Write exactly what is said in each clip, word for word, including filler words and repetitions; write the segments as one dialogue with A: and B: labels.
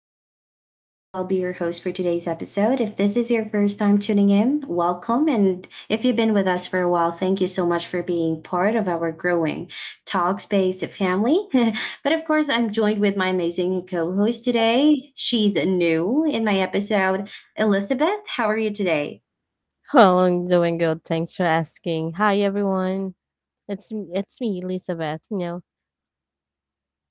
A: Talkspace. I'm Angela. I'll be your host for today's episode. If this is your first time tuning in, welcome. And if you've been with us for a while, thank you so much for being part of our growing Talkspace family. But of course, I'm joined with my amazing co host today. She's new in my episode. Elizabeth, how are you today?
B: Well, I'm doing good. Thanks for asking. Hi, everyone. It's it's me, Elizabeth. You know.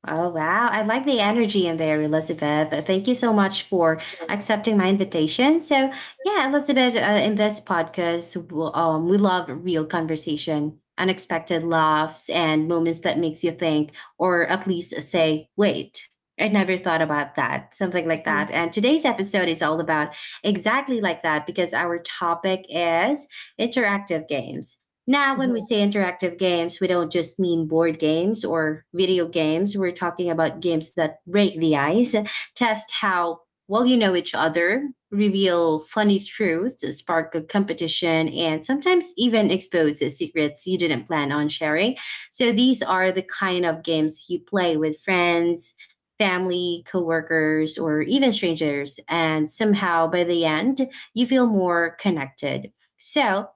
A: Oh, wow. I like the energy in there, Elizabeth. Uh, Thank you so much for accepting my invitation. So, yeah, Elizabeth, uh, in this podcast, we'll, um, we love real conversation, unexpected laughs, and moments that makes you think, or at least say, wait. I never thought about that, something like that.
B: hmm
A: And today's episode is all about exactly like that because our topic is interactive games. Now, when we
B: hmm
A: say interactive games, we don't just mean board games or video games. We're talking about games that break the ice, test how well you know each other, reveal funny truths, spark a competition, and sometimes even expose the secrets you didn't plan on sharing. So, these are the kind of games you play with friends, family, coworkers, or even strangers. And somehow by the end, you feel more connected. So,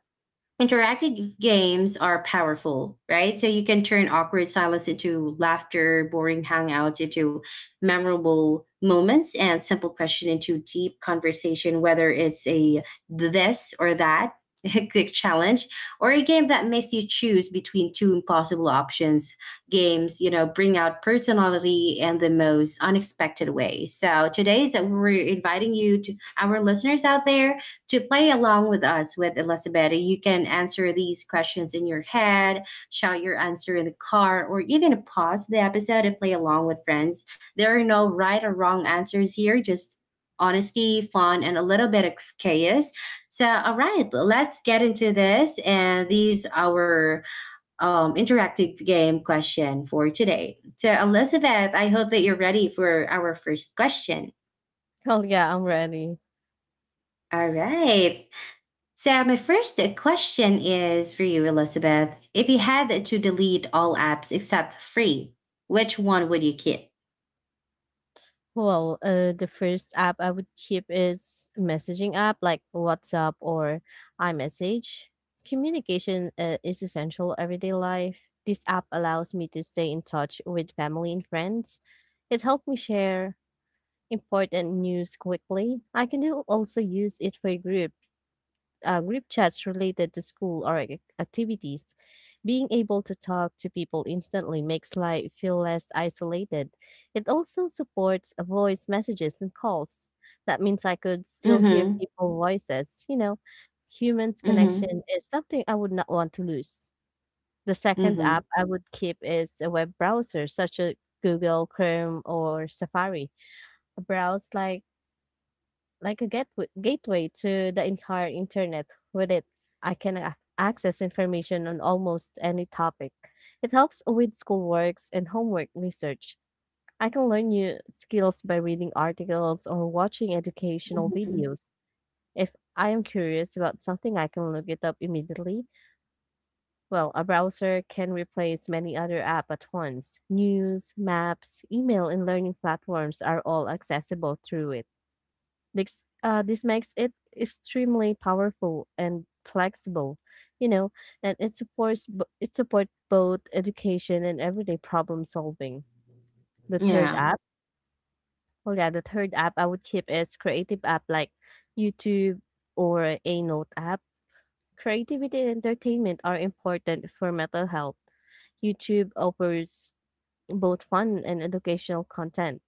A: interactive games are powerful, right? So you can turn awkward silence into laughter, boring hangouts into memorable moments, and simple question into deep conversation, whether it's a this or that, a quick challenge, or a game that makes you choose between two impossible options. Games, you know, bring out personality in the most unexpected way. So today's we're inviting you to our listeners out there to play along with us with Elizabeth, you can answer these questions in your head, shout your answer in the car, or even pause the episode and play along with friends. There are no right or wrong answers here, just honesty, fun, and a little bit of chaos. So, all right, let's get into this. And these are our um, interactive game question for today. So, Elizabeth, I hope that you're ready for our first question.
B: Well, yeah, I'm ready.
A: All right. So, my first question is for you, Elizabeth. If you had to delete all apps except three, which one would you keep?
B: Well, uh, the first app I would keep is messaging app like WhatsApp or iMessage. Communication uh, is essential everyday life. This app allows me to stay in touch with family and friends. It helped me share important news quickly. I can do also use it for group uh, group chats related to school or ac- activities. Being able to talk to people instantly makes life feel less isolated. It also supports uh, voice messages and calls. That means I could still hear
A: Mm
B: people's voices. You know, humans
A: hmm. Mm
B: connection is something I would not want to lose. The
A: hmm.
B: second
A: Mm
B: app I would keep is a web browser, such as Google Chrome or Safari. A browse like like a gateway, gateway to the entire internet. With it, I can ac- access information on almost any topic. It helps with schoolworks and homework research. I can learn new skills by reading articles or watching educational
A: hmm.
B: videos. If I am curious about something, I can look it up immediately. Well, a browser can replace many other apps at once. News, maps, email, and learning platforms are all accessible through it. This, uh, this makes it extremely powerful and flexible, you know, and it supports b- it supports both education and everyday problem solving. The third
A: Yeah.
B: app, well, yeah, the third app I would keep is creative app like YouTube or a note app. Creativity and entertainment are important for mental health. YouTube offers both fun and educational content.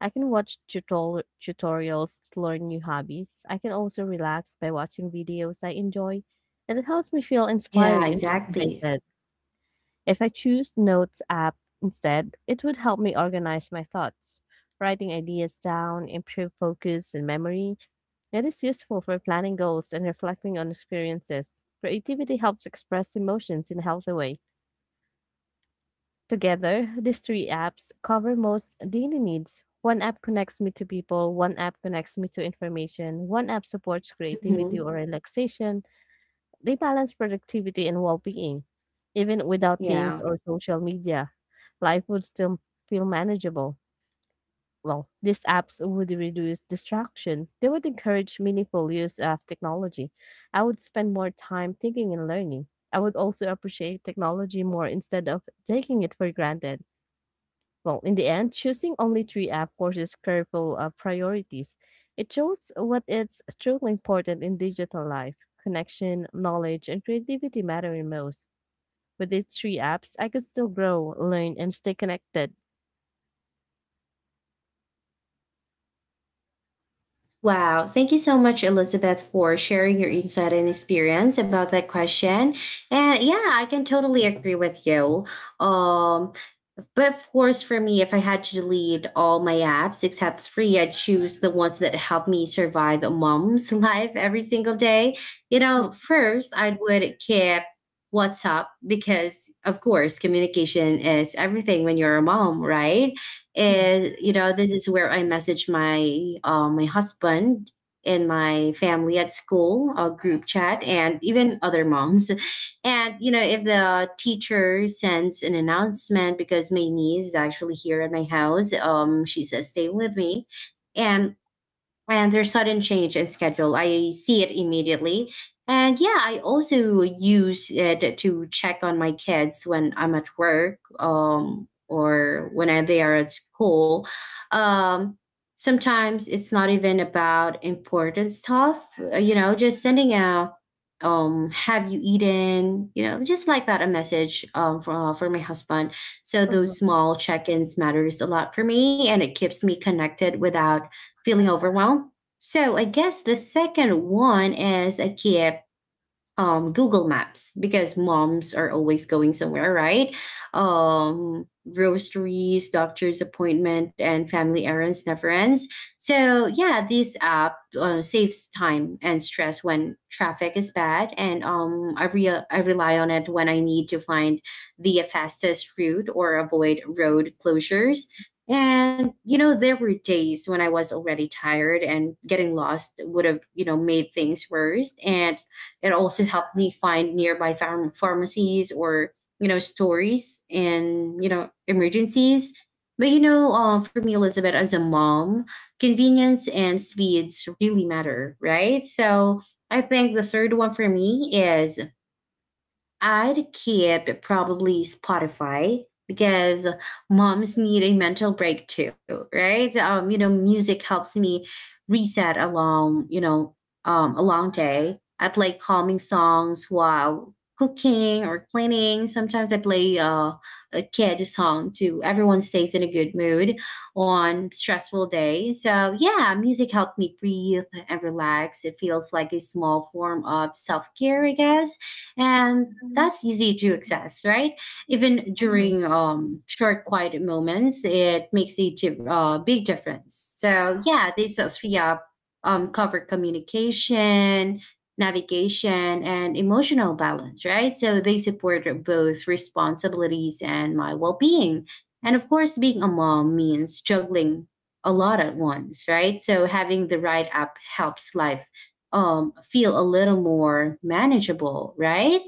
B: I can watch tutor- tutorials to learn new hobbies. I can also relax by watching videos I enjoy, and it helps me feel
A: Yeah,
B: inspired and
A: exactly.
B: motivated. If I choose Notes app instead, it would help me organize my thoughts, writing ideas down, improve focus and memory. It is useful for planning goals and reflecting on experiences. Creativity helps express emotions in a healthy way. Together, these three apps cover most daily needs. One app connects me to people, one app connects me to information, one app supports creativity
A: Hmm.
B: or relaxation. They balance productivity and well being. Even without games
A: Yeah.
B: or social media, life would still feel manageable. Well, these apps would reduce distraction. They would encourage meaningful use of technology. I would spend more time thinking and learning. I would also appreciate technology more instead of taking it for granted. Well, in the end, choosing only three app courses careful uh, priorities. It shows what is truly important in digital life. Connection, knowledge, and creativity matter the most. With these three apps, I could still grow, learn, and stay connected.
A: Wow. Thank you so much, Elizabeth, for sharing your insight and experience about that question. And yeah, I can totally agree with you. Um, But of course, for me, if I had to delete all my apps except three, I'd choose the ones that help me survive a mom's life every single day. You know,
B: Mhm.
A: first, I would keep WhatsApp because, of course, communication is everything when you're a mom, right?
B: Mhm.
A: Is, you know, this is where I message my uh, my husband and my family at school, a group chat, and even other moms. And, you know, if the teacher sends an announcement, because my niece is actually here at my house, um, she's uh, staying with me. And and their sudden change in schedule. I see it immediately. And yeah, I also use it to check on my kids when I'm at work um, or when I, they are at school. Um, sometimes it's not even about important stuff, uh, you know, just sending a um have you eaten, you know just like that, a message um for, uh, for my husband, so
B: Mhm.
A: those small check-ins matters a lot for me, and it keeps me connected without feeling overwhelmed. So I guess the second one is I keep um Google Maps because moms are always going somewhere, right? Um groceries, doctor's appointment, and family errands never ends. So, yeah, this app uh, saves time and stress when traffic is bad, and um I re- I rely on it when I need to find the fastest route or avoid road closures. And you know, there were days when I was already tired and getting lost would have, you know, made things worse, and it also helped me find nearby farm pharmacies or, you know, stories, and, you know, emergencies. But you know, um, for me, Elizabeth, as a mom, convenience and speeds really matter, right? So I think the third one for me is I'd keep probably Spotify because moms need a mental break too, right? Um, you know, music helps me reset along, you know, um, a long day. I play calming songs while cooking or cleaning. Sometimes I play uh, a kid song too. Everyone stays in a good mood on stressful day. So yeah, music helped me breathe and relax. It feels like a small form of self-care, I guess, and that's easy to access, right, even
B: Mhm.
A: during um, short quiet moments. It makes a di- uh, big difference. So yeah, these uh, three app um, cover communication, navigation, and emotional balance, right? So they support both responsibilities and my well-being, and of course, being a mom means juggling a lot at once, right? So having the right app helps life um, feel a little more manageable, right?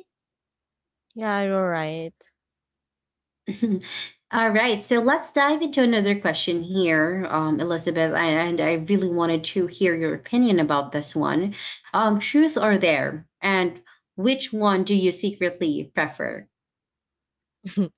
B: Yeah, you're right.
A: All right, so let's dive into another question here, um, Elizabeth, and I really wanted to hear your opinion about this one. Um, truth or dare, and which one do you secretly prefer?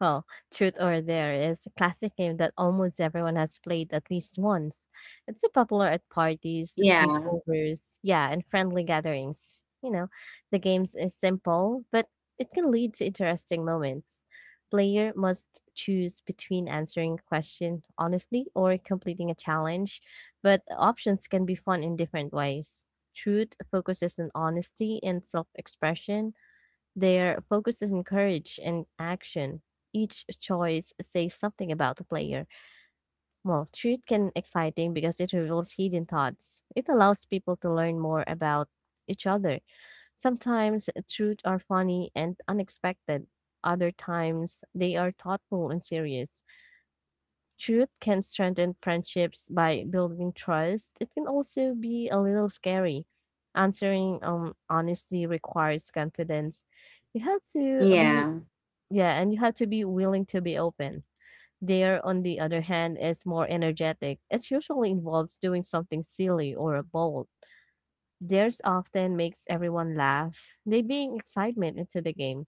B: Well, Truth or Dare is a classic game that almost everyone has played at least once. It's so popular at parties,
A: Yeah,
B: sleepovers, yeah, and friendly gatherings. You know, the game is simple, but it can lead to interesting moments. Player must choose between answering a question honestly or completing a challenge, but the options can be fun in different ways. Truth focuses on honesty and self expression, their focus is on courage and action. Each choice says something about the player. Well, truth can exciting because it reveals hidden thoughts. It allows people to learn more about each other. Sometimes truth are funny and unexpected. Other times they are thoughtful and serious. Truth can strengthen friendships by building trust. It can also be a little scary. Answering um, honestly requires confidence. You have to be
A: yeah.
B: yeah, and you have to be willing to be open. Dare, on the other hand, is more energetic. It usually involves doing something silly or bold. Dares often makes everyone laugh. They bring excitement into the game.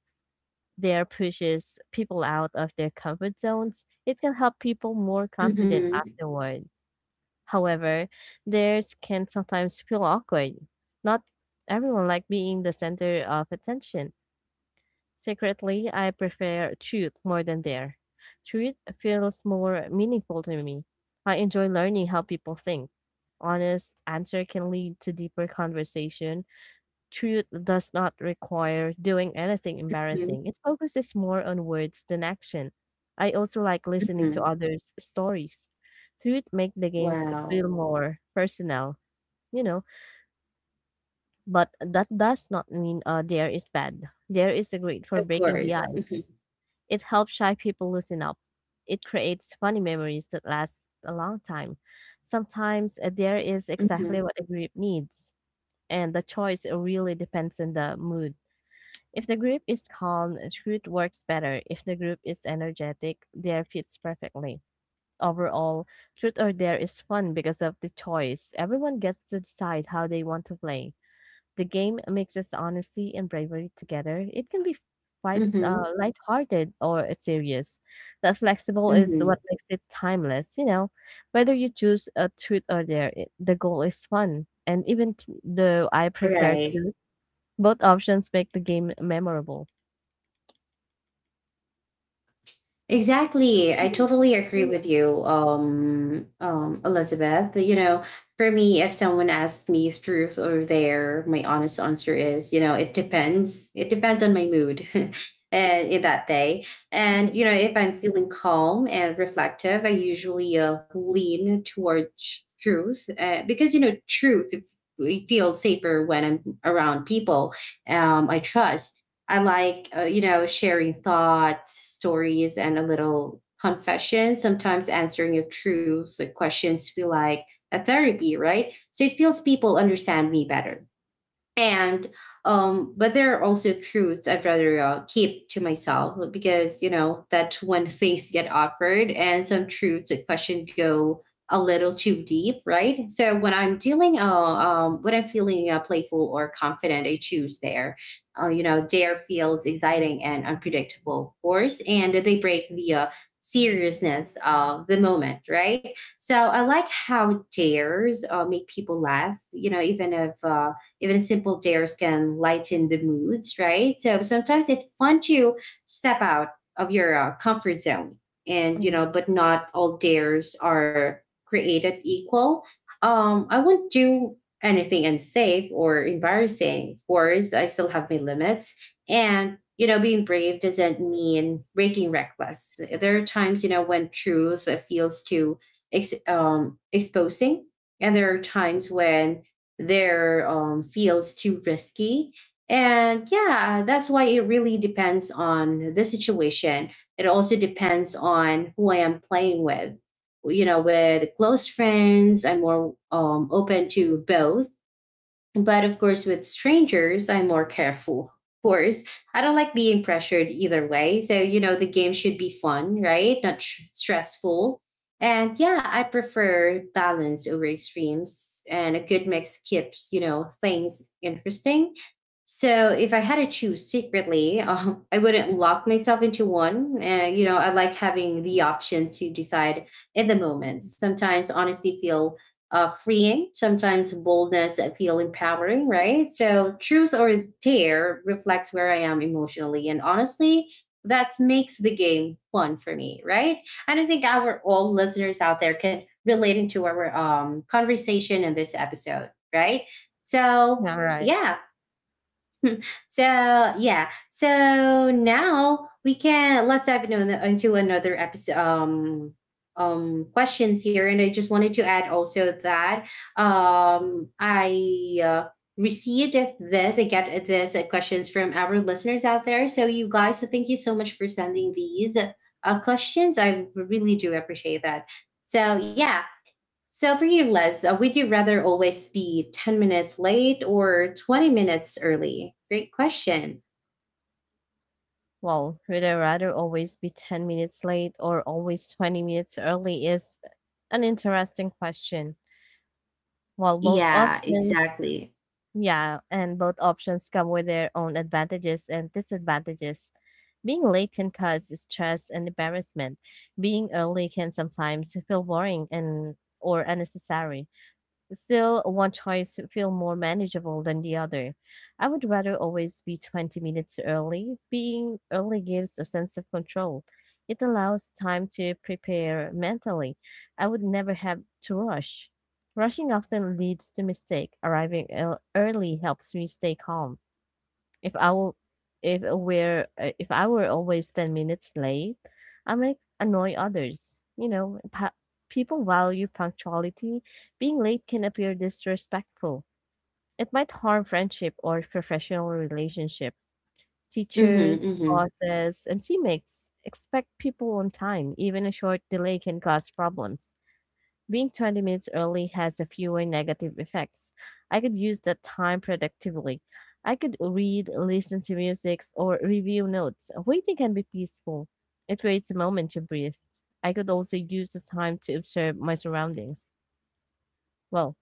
B: Dare pushes people out of their comfort zones. It can help people more confident
A: Mm-hmm.
B: afterward. However, dares can sometimes feel awkward. Not everyone like being the center of attention. Secretly, I prefer truth more than dare. Truth feels more meaningful to me. I enjoy learning how people think. Honest answer can lead to deeper conversation. Truth does not require doing anything
A: Mm-hmm.
B: embarrassing. It focuses more on words than action. I also like listening to
A: Mm-hmm.
B: others' stories. Truth make the games
A: Wow.
B: feel more personal, you know, but that does not mean uh, dare is bad. Dare is a great for
A: Of
B: breaking the
A: course. Mm-hmm.
B: ice. It helps shy people loosen up. It creates funny memories that last a long time. Sometimes a dare is
A: Mm-hmm.
B: exactly what a group needs, and the choice really depends on the mood. If the group is calm, truth works better. If the group is energetic, dare fits perfectly. Overall, truth or dare is fun because of the choice. Everyone gets to decide how they want to play. The game mixes honesty and bravery together. It can be quite uh,
A: Mm-hmm.
B: lighthearted or serious, but flexible is
A: Mm-hmm.
B: what makes it timeless. You know, whether you choose a truth or dare, it, the goal is fun. And even t- though I prefer
A: Right.
B: to, both options make the game memorable.
A: Exactly. I totally agree with you, um, um, Elizabeth. You know, for me, if someone asks me is truth or dare, my honest answer is, you know, it depends. It depends on my mood and in that day. And,
B: Mhm,
A: you know, if I'm feeling calm and reflective, I usually uh, lean towards truth, uh, because, you know, truth it feels safer when I'm around people um, I trust. I like, uh, you know, sharing thoughts, stories, and a little confession. Sometimes answering your truths, like questions, feel like a therapy, right? So it feels people understand me better, and um but there are also truths I'd rather uh, keep to myself, because you know that's when things get awkward, and some truths a question go a little too deep, right? So when i'm dealing uh, um when I'm feeling uh, playful or confident, I choose there, uh, you know, dare feels exciting and unpredictable, of course, and they break the uh, seriousness of the moment, right? So I like how dares uh, make people laugh, you know, even if uh even simple dares can lighten the moods, right? So sometimes it's fun to step out of your uh, comfort zone, and you
B: mhm.
A: know, but not all dares are created equal. Um, I won't do anything unsafe or embarrassing. Of course, I still have my limits, and you know, being brave doesn't mean breaking reckless. There are times, you know, when truth uh, feels too ex- um, exposing, and there are times when their um, feels too risky. And yeah, that's why it really depends on the situation. It also depends on who I am playing with. You know, with close friends, I'm more um, open to both. But of course, with strangers, I'm more careful. Of course, I don't like being pressured either way. So, you know, the game should be fun, right? Not tr- stressful. And yeah, I prefer balance over extremes, and a good mix keeps, you know, things interesting. So, if I had to choose secretly, um, I wouldn't lock myself into one. Uh, you know, I like having the options to decide in the moment. Sometimes honesty feel uh, freeing, sometimes boldness I feel empowering, right? So truth or dare reflects where I am emotionally. And honestly, that makes the game fun for me, right? And I think our all listeners out there can relate into our um, conversation in this episode, right? So
B: Yeah, right.
A: yeah, so yeah. So now we can let's dive into, into another episode. Um, um, questions here, and I just wanted to add also that um, I uh, received this. I get this uh, questions from our listeners out there. So you guys, so thank you so much for sending these uh, questions. I really do appreciate that. So yeah, so, for you, Les, uh, would you rather always be ten minutes late or twenty minutes early? Great question.
B: Well, would I rather always be ten minutes late or always twenty minutes early is an interesting question. While both
A: Yeah,
B: options
A: exactly.
B: Yeah, and both options come with their own advantages and disadvantages. Being late can cause stress and embarrassment. Being early can sometimes feel boring and or unnecessary. Still, one choice feels more manageable than the other. I would rather always be twenty minutes early. Being early gives a sense of control. It allows time to prepare mentally. I would never have to rush. Rushing often leads to mistake. Arriving ear- early helps me stay calm. If I w- if we're uh, if I were always ten minutes late, I might annoy others. You know, pa- people value punctuality. Being late can appear disrespectful. It might harm friendship or professional relationship. Teachers,
A: Mm-hmm,
B: bosses, and teammates expect people on time. Even a short delay can cause problems. Being twenty minutes early has a fewer negative effects. I could use that time productively. I could read, listen to music, or review notes. Waiting can be peaceful. It creates a moment to breathe. I could also use the time to observe my surroundings. Well,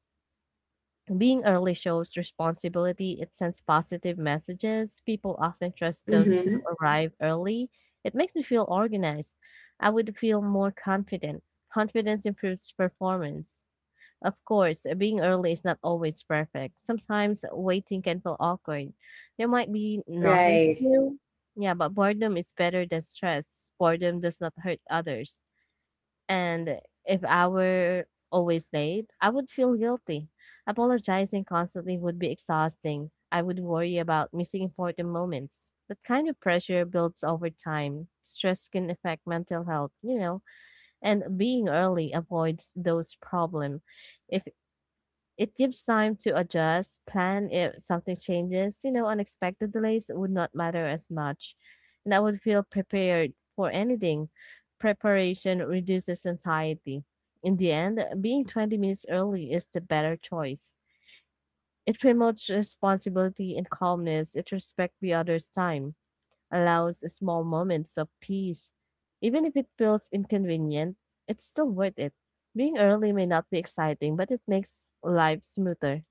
B: being early shows responsibility. It sends positive messages. People often trust
A: mm-hmm,
B: those who
A: mm-hmm.
B: arrive early. It makes me feel organized. I would feel more confident. Confidence improves performance. Of course, being early is not always perfect. Sometimes waiting can feel awkward. There might be nothing to
A: Right.
B: do. Yeah, but boredom is better than stress. Boredom does not hurt others. And if I were always late, I would feel guilty. Apologizing constantly would be exhausting. I would worry about missing important moments. That kind of pressure builds over time. Stress can affect mental health, you know, and being early avoids those problems if it gives time to adjust, plan if something changes. You know, unexpected delays would not matter as much, and I would feel prepared for anything. Preparation reduces anxiety. In the end, being twenty minutes early is the better choice. It promotes responsibility and calmness. It respects the other's time, allows small moments of peace. Even if it feels inconvenient, it's still worth it. Being early may not be exciting, but it makes life smoother.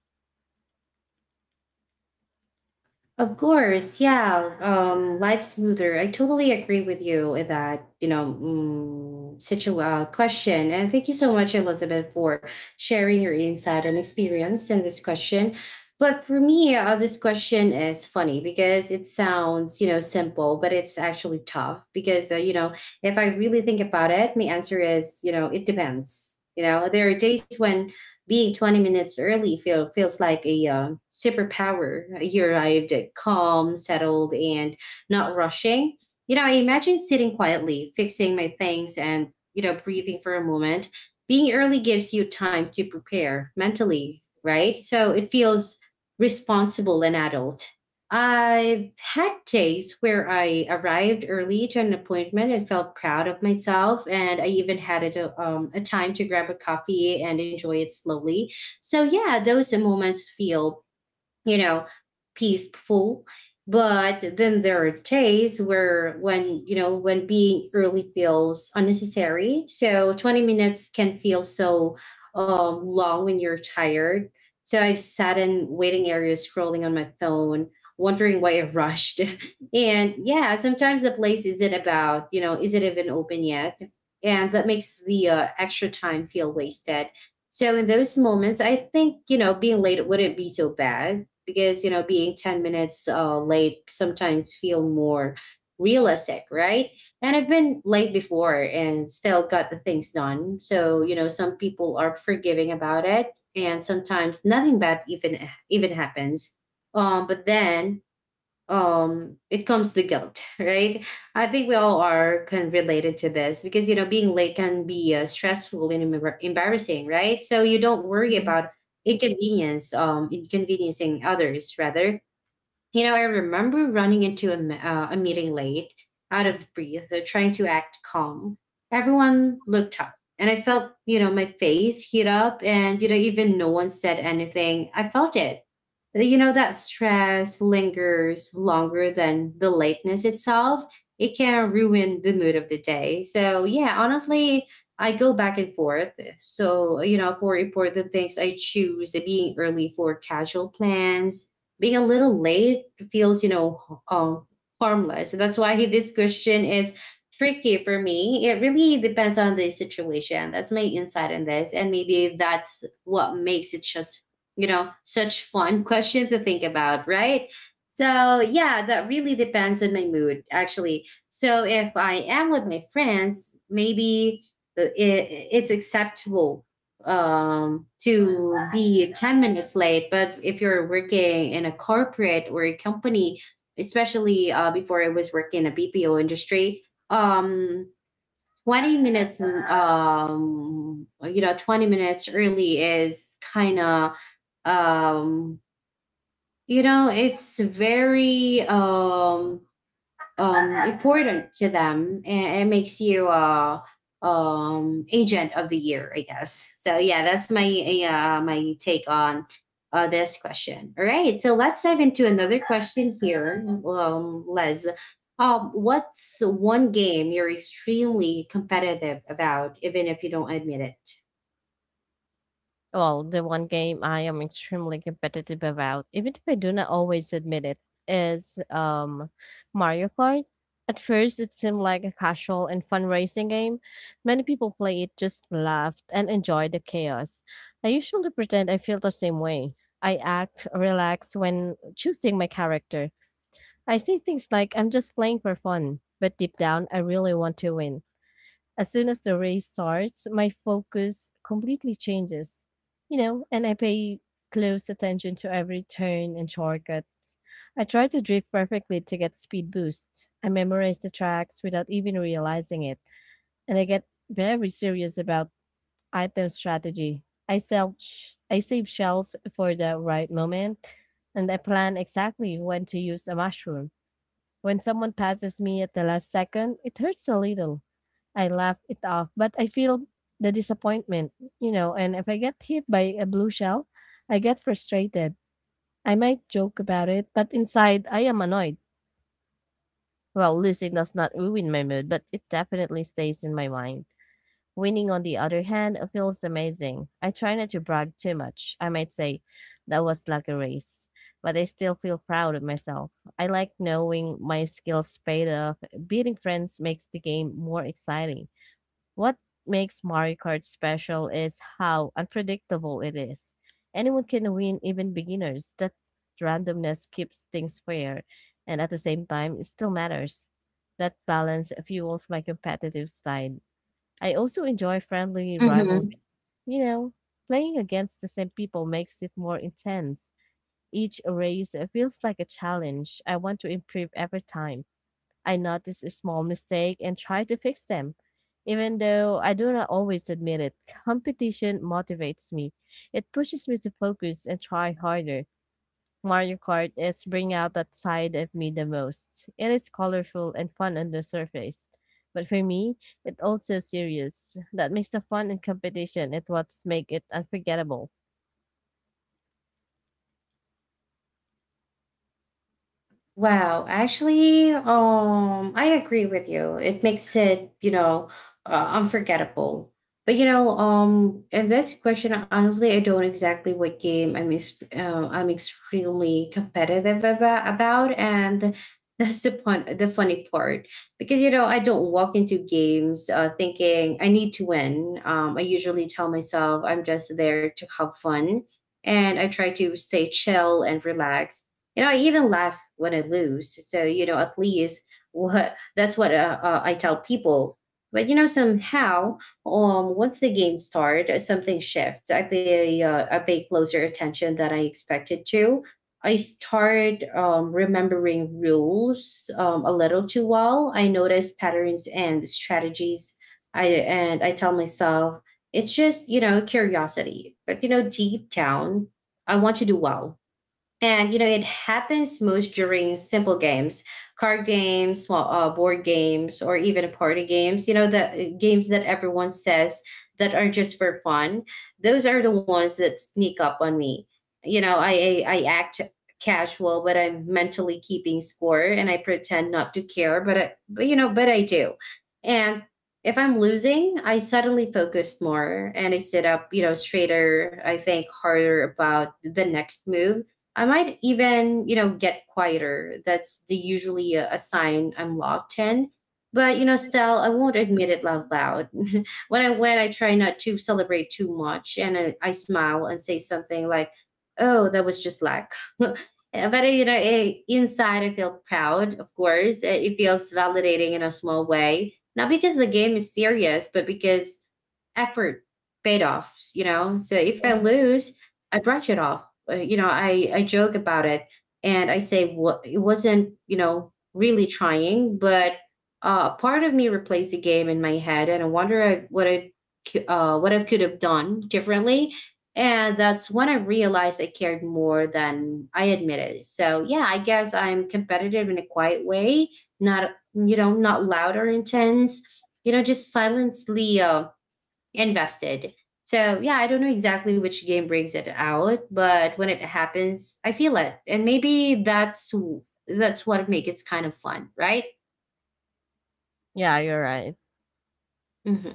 A: Of course, yeah. Um, life smoother. I totally agree with you in that, you know, mm, situ- uh, question. And thank you so much, Elizabeth, for sharing your insight and experience in this question. But for me, uh, this question is funny because it sounds, you know, simple, but it's actually tough because, uh, you know, if I really think about it, my answer is, you know, it depends. You know, there are days when being twenty minutes early feel, feels like a uh, superpower. You arrived calm, settled, and not rushing. You know, I imagine sitting quietly, fixing my things, and, you know, breathing for a moment. Being early gives you time to prepare mentally, right? So it feels responsible and adult. I've had days where I arrived early to an appointment and felt proud of myself, and I even had a, to- um, a time to grab a coffee and enjoy it slowly. So, yeah, those moments feel you know, peaceful. But then there are days where when, you know, when being early feels unnecessary. So twenty minutes can feel so um, long when you're tired. So I've sat in waiting areas scrolling on my phone, wondering why I rushed. And yeah, sometimes the place isn't about, you know, is it even open yet? And that makes the uh, extra time feel wasted. So in those moments, I think, you know, being late wouldn't be so bad, because you know being ten minutes uh, late sometimes feel more realistic, right? And I've been late before and still got the things done. So you know, some people are forgiving about it, and sometimes nothing bad even even happens. Um but then um it comes the guilt. Right? I think we all are can related to this, because you know, being late can be uh, stressful and embar- embarrassing, right? So you don't worry
B: Mhm.
A: about inconvenience um inconveniencing others rather. You know, I remember running into a, m- uh, a meeting late, out of breath, uh, trying to act calm. Everyone looked up and I felt, you know, my face heat up, and you know, even no one said anything, I felt it. You know, that stress lingers longer than the lateness itself. It can ruin the mood of the day. So yeah, honestly, I go back and forth. So you know, for important things I choose being early. For casual plans, being a little late feels, you know, um, harmless. So that's why this question is tricky for me. It really depends on the situation. That's my insight in this, and maybe that's what makes it such, you know, such fun question to think about, right? So, yeah, that really depends on my mood, actually. So, if I am with my friends, maybe the- i- it's acceptable um, to be ten minutes late. But if you're working in a corporate or a company, especially uh, before I was working in a B P O industry, um, twenty minutes, um, you know, twenty minutes early is kind of um you know, it's very um um important to them, and it makes you uh um agent of the year, I guess. So yeah, that's my uh my take on uh this question. All right, so let's dive into another question here. Um Les, um what's one game you're extremely competitive about, even if you don't admit
B: Well, the one game I am extremely competitive about, even if I do not always admit it, is um, Mario Kart. At first, it seemed like a casual and fun racing game. Many people play it just laughed and enjoyed the chaos. I usually pretend I feel the same way. I act relaxed when choosing my character. I say things like I'm just playing for fun, but deep down, I really want to win. As soon as the race starts, my focus completely changes, you know, and I pay close attention to every turn and shortcut. I try to drift perfectly to get speed boost. I memorize the tracks without even realizing it, and I get very serious about item strategy. I sell sh- I save shells for the right moment, and I plan exactly when to use a mushroom. When someone passes me at the last second, it hurts a little. I laugh it off, but I feel the disappointment, you know, and if I get hit by a blue shell, I get frustrated. I might joke about it, but inside I am annoyed. Well, losing does not ruin my mood, but it definitely stays in my mind. Winning, on the other hand, feels amazing. I try not to brag too much. I might say, that was like a race, but I still feel proud of myself. I like knowing my skills paid off. Beating friends makes the game more exciting. What makes Mario Kart special is how unpredictable it is. Anyone can win, even beginners. That randomness keeps things fair, and at the same time, it still matters. That balance fuels my competitive side. I also enjoy friendly
A: it?
B: rivalries. You know, playing against the same people makes it more intense. Each race feels like a challenge. I want to improve every time. I notice a small mistake and try to fix them. Even though I do not always admit it, competition motivates me. It pushes me to focus and try harder. Mario Kart is bring out that side of me the most. It is colorful and fun on the surface. But for me, it's also serious. That makes the fun and competition it what make it unforgettable.
A: Wow, actually, um, I agree with you. It makes it, you know, uh, unforgettable. But you know, um, in this question, honestly, I don't exactly what game I'm ex- uh, I'm extremely competitive ava- about, and that's the fun the funny part, because you know, I don't walk into games uh, thinking I need to win. Um, I usually tell myself I'm just there to have fun, and I try to stay chill and relax. You know, I even laugh when I lose. So you know, at least what that's what uh, uh, I tell people. But you know, somehow, um once the game starts, something shifts. i pay uh, I pay closer attention than I expected to. I start um, remembering rules um, a little too well. I notice patterns and strategies, I and I tell myself it's just, you know, curiosity. But you know, deep down, I want to do well. And you know, it happens most during simple games, card games, small uh, board games, or even party games. You know, the uh, games that everyone says that are just for fun. Those are the ones that sneak up on me. You know, I I, I act casual, but I'm mentally keeping score, and I pretend not to care, but I, but you know, but I do. And if I'm losing, I suddenly focus more and I sit up, you know, straighter. I think harder about the next move. I might even, you know, get quieter. That's the usually a, a sign I'm locked in. But you know, still, I won't admit it out loud. When I went, I try not to celebrate too much, and I, I smile and say something like, "Oh, that was just luck." But uh, you know, eh, inside, I feel proud. Of course, Eh, it feels validating in a small way, not because the game is serious, but because effort paid off. You know, so if I lose, I brush it off. uh, you know, I, I joke about it, and I say, what it wasn't, you know, really trying. But uh, part of me replays the game in my head and I wonder I- what I, cou- uh, what I could have done differently. And that's when I realized I cared more than I admitted. So yeah, I guess I'm competitive in a quiet way, not, you know, not loud or intense, you know, just silently, uh, invested. So yeah, I don't know exactly which game brings it out, but when it happens, I feel it, and maybe that's w- that's what makes it kind of fun, right?
B: Yeah, you're right.
A: Hmm.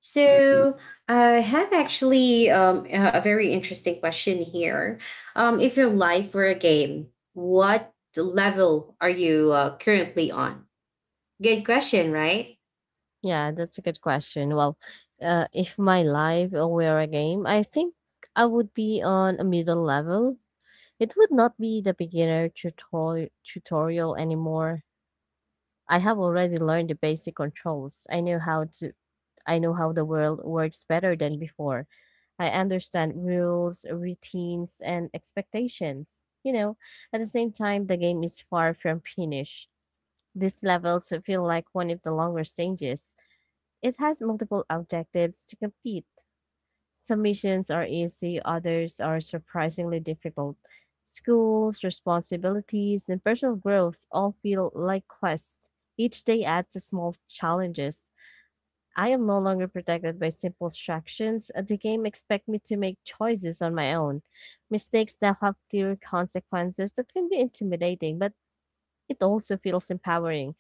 A: So I have actually um, a very interesting question here. Um, if your life were a game, what level are you uh, currently on? Good question, right?
B: Yeah, that's a good question. Well, uh, if my life were a game, I think I would be on a middle level. It would not be the beginner tutor- tutorial anymore. I have already learned the basic controls. I know how to I know how the world works better than before. I understand rules, routines, and expectations. You know, at the same time, the game is far from finished. These levels feel like one of the longer stages, it has multiple objectives to complete. Some missions are easy, others are surprisingly difficult. Schools, responsibilities, and personal growth all feel like quests. Each day adds a small challenges. I am no longer protected by simple instructions. The game expects me to make choices on my own. Mistakes now have clear consequences that can be intimidating, but it also feels empowering.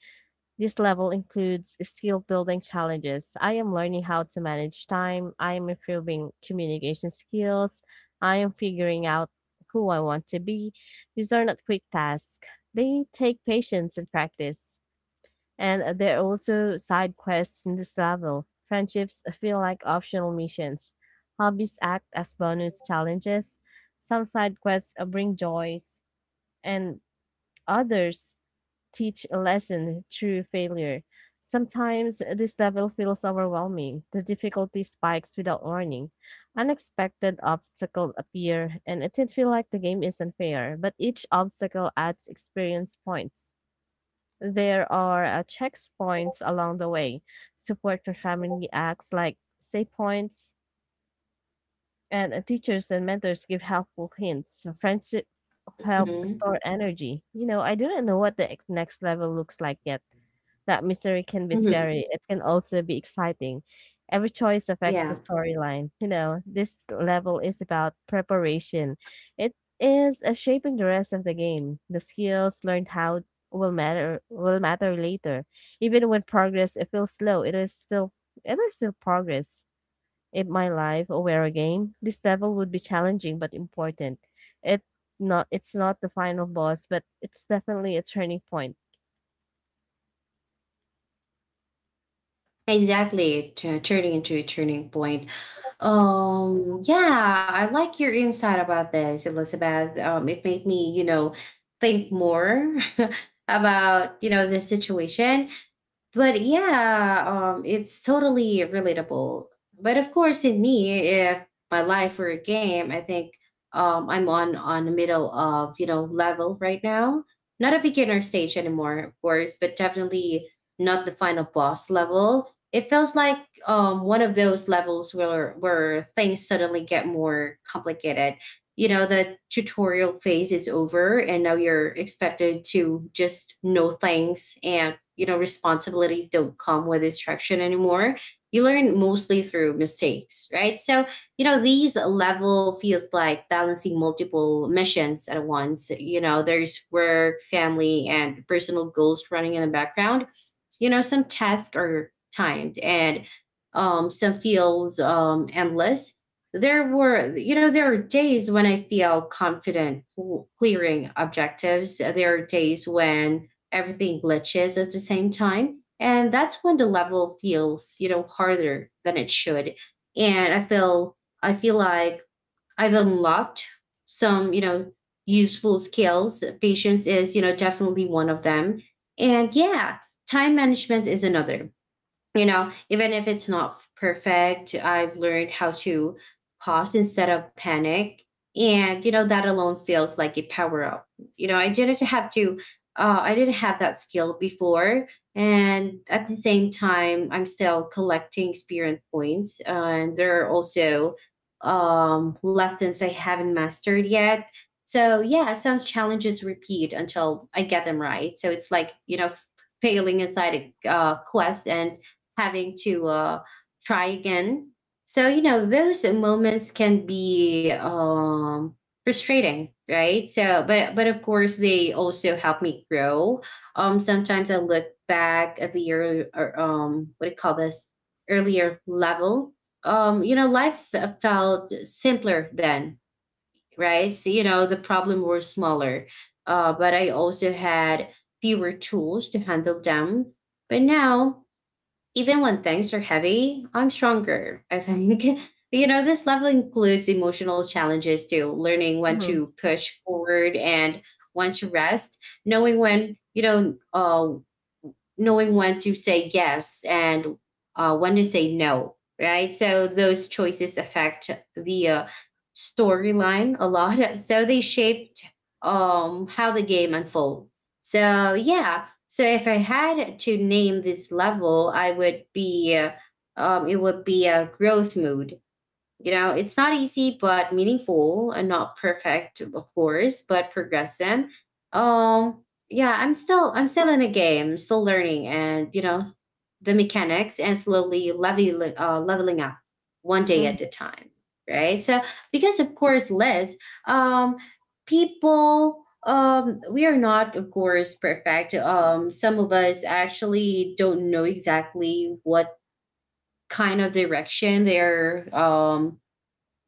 B: This level includes skill building challenges. I am learning how to manage time. I am improving communication skills. I am figuring out who I want to be. These are not quick tasks, they take patience and practice. And there are also side quests in this level. Friendships feel like optional missions. Hobbies act as bonus challenges. Some side quests uh, bring joys, and others teach a lesson through failure. Sometimes this level feels overwhelming. The difficulty spikes without warning. Unexpected obstacles appear, and it did feel like the game is unfair, but each obstacle adds experience points. There are uh, checkpoints along the way. Support for family acts like save points, and uh, teachers and mentors give helpful hints. So friendship help
A: Hmm.
B: store energy. You know, I do not know what the ex- next level looks like yet, that mystery can be
A: Hmm.
B: scary. It can also be exciting. Every choice affects the
A: Yeah.
B: storyline. You know, this level is about preparation. It is uh, shaping the rest of the game. The skills learned how will matter will matter later. Even when progress it feels slow, it is still it is still progress. If my life were a game, this level would be challenging but important. It not it's not the final boss, but it's definitely a turning point.
A: Exactly, tu- turning into a turning point. Um, yeah, I like your insight about this, Elizabeth. Um, it made me, you know, think more about, you know, this situation. But yeah, um, it's totally relatable. But of course, in me, if my life were a game, I think um, I'm on on the middle of, you know, level right now. Not a beginner stage anymore, of course, but definitely not the final boss level. It feels like um, one of those levels where where things suddenly get more complicated. You know, the tutorial phase is over, and now you're expected to just know things. And you know, responsibilities don't come with instruction anymore. You learn mostly through mistakes, right? So you know, these level feels like balancing multiple missions at once. You know, there's work, family, and personal goals running in the background. You know, some tasks are timed, and um, some feels um, endless. There were, you know, there are days when I feel confident w- clearing objectives. There are days when everything glitches at the same time. And that's when the level feels, you know, harder than it should. And I feel I feel like I've unlocked some, you know, useful skills. Patience is, you know, definitely one of them. And yeah, time management is another. You know, even if it's not perfect, I've learned how to pause instead of panic. And, you know, that alone feels like a power up. You know, I didn't have to, uh, I didn't have that skill before. And at the same time, I'm still collecting experience points. Uh, and there are also um, lessons I haven't mastered yet. So, yeah, some challenges repeat until I get them right. So it's like, you know, f- failing inside a uh, quest and having to uh, try again. So, you know, those moments can be um, frustrating, right? So, but, but of course, they also help me grow. Um, sometimes I look back at the early, or, um, what do you call this, earlier level. Um, you know, life felt simpler then, right? So, you know, the problem were smaller, uh, but I also had fewer tools to handle them. But now, even when things are heavy, I'm stronger. I think, you know, this level includes emotional challenges too, learning when to push forward and when to rest, knowing when, you know, uh, knowing when to say yes and uh, when to say no, right? So those choices affect the uh, storyline a lot. So they shaped um, how the game unfolds. So yeah, so if I had to name this level, I would be uh, um, it would be a growth mood. You know, it's not easy, but meaningful, and not perfect, of course, but progressive. Um, yeah, I'm still I'm still in a game, still learning, and you know the mechanics, and slowly leveling uh, leveling up one day at
B: Mm-hmm.
A: a time. Right. So, because of course, Liz, um, people, um we are not of course perfect. Um some of us actually don't know exactly what kind of direction they're um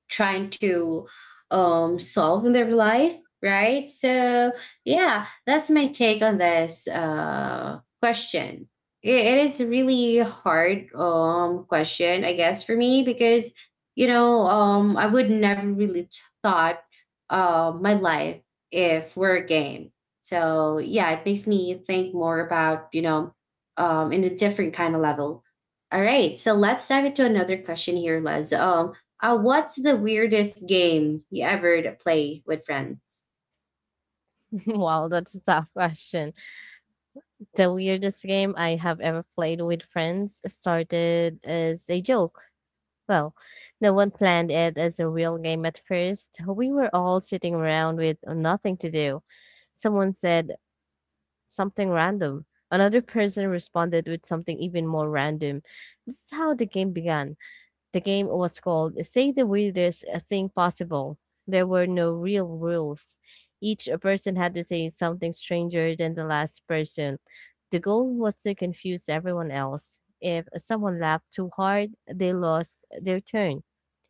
A: trying to um, solve in their life, right? So, yeah, that's my take on this uh, question. It, it is a really hard um, question, I guess, for me, because, you know, um, I would never really t- thought uh, my life if we're a game. So, yeah, it makes me think more about, you know, um, in a different kind of level. All right, so let's dive into another question here, Les. Um, uh, what's the weirdest game you ever d- play with friends?
B: Wow, that's a tough question. The weirdest game I have ever played with friends started as a joke. Well, no one planned it as a real game at first. We were all sitting around with nothing to do. Someone said something random. Another person responded with something even more random. This is how the game began. The game was called Say the Weirdest uh, Thing Possible. There were no real rules. Each person had to say something stranger than the last person. The goal was to confuse everyone else. If someone laughed too hard, they lost their turn.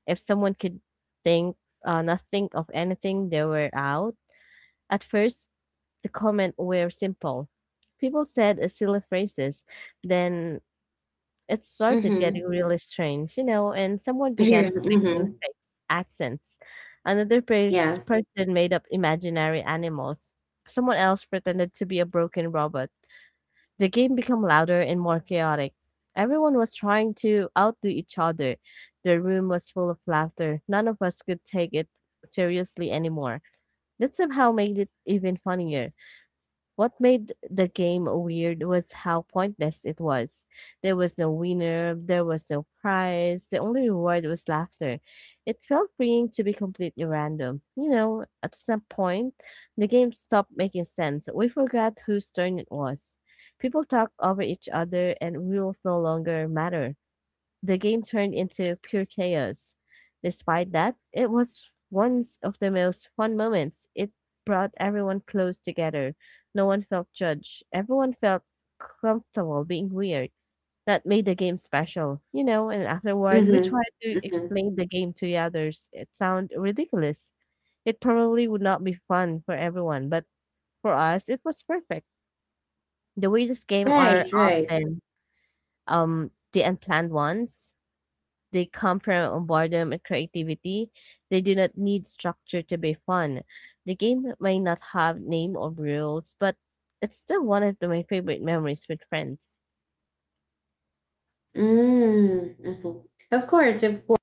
B: If someone could think uh, not think of anything, they were out. At first, the comments were simple. People said uh, silly phrases, then it started getting
A: Mm-hmm.
B: really strange, you know, and someone began
A: Yeah.
B: speaking in
A: Mm-hmm.
B: fake accents. Another pers-
A: Yeah.
B: person made up imaginary animals. Someone else pretended to be a broken robot. The game became louder and more chaotic. Everyone was trying to outdo each other. The room was full of laughter. None of us could take it seriously anymore. That somehow made it even funnier. What made the game weird was how pointless it was. There was no winner, there was no prize, the only reward was laughter. It felt freeing to be completely random. You know, at some point, the game stopped making sense. We forgot whose turn it was. People talked over each other, and rules no longer matter, the game turned into pure chaos. Despite that, it was one of the most fun moments. It brought everyone close together. No one felt judged. Everyone felt comfortable being weird. That made the game special, you know. And afterward, we
A: Mm-hmm.
B: tried to
A: Hmm.
B: explain the game to the others. It sounded ridiculous. It probably would not be fun for everyone, but for us, it was perfect. The weirdest game are
A: Right. Right.
B: often um the unplanned ones, they come from boredom and creativity. They do not need structure to be fun. The game may not have name or rules, but it's still one of the- my favorite memories with friends.
A: Mm-hmm. Of course. Of course.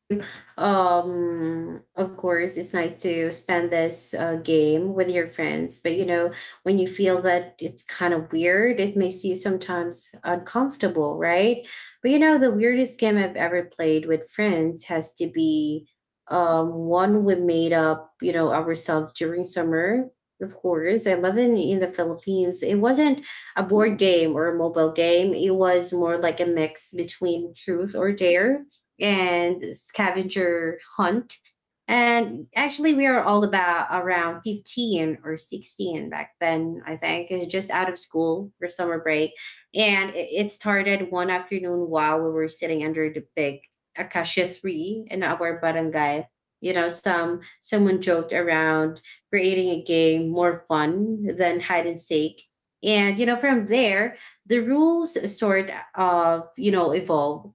A: To um Of course it's nice to spend this uh, game with your friends, but you know, when you feel that it's kind of weird, it makes you sometimes uncomfortable, right? But you know, the weirdest game I've ever played with friends has to be um one we made up, you know, ourselves during summer. Of course, I live in in the Philippines. It wasn't a board game or a mobile game. It was more like a mix between truth or dare and scavenger hunt. And actually, we are all about around fifteen or sixteen back then, I think, uh, just out of school for summer break. And it, it started one afternoon while we were sitting under the big acacia tree in our barangay. You know, some someone joked around creating a game more fun than hide and seek. And you know, from there, the rules sort of, you know, evolved.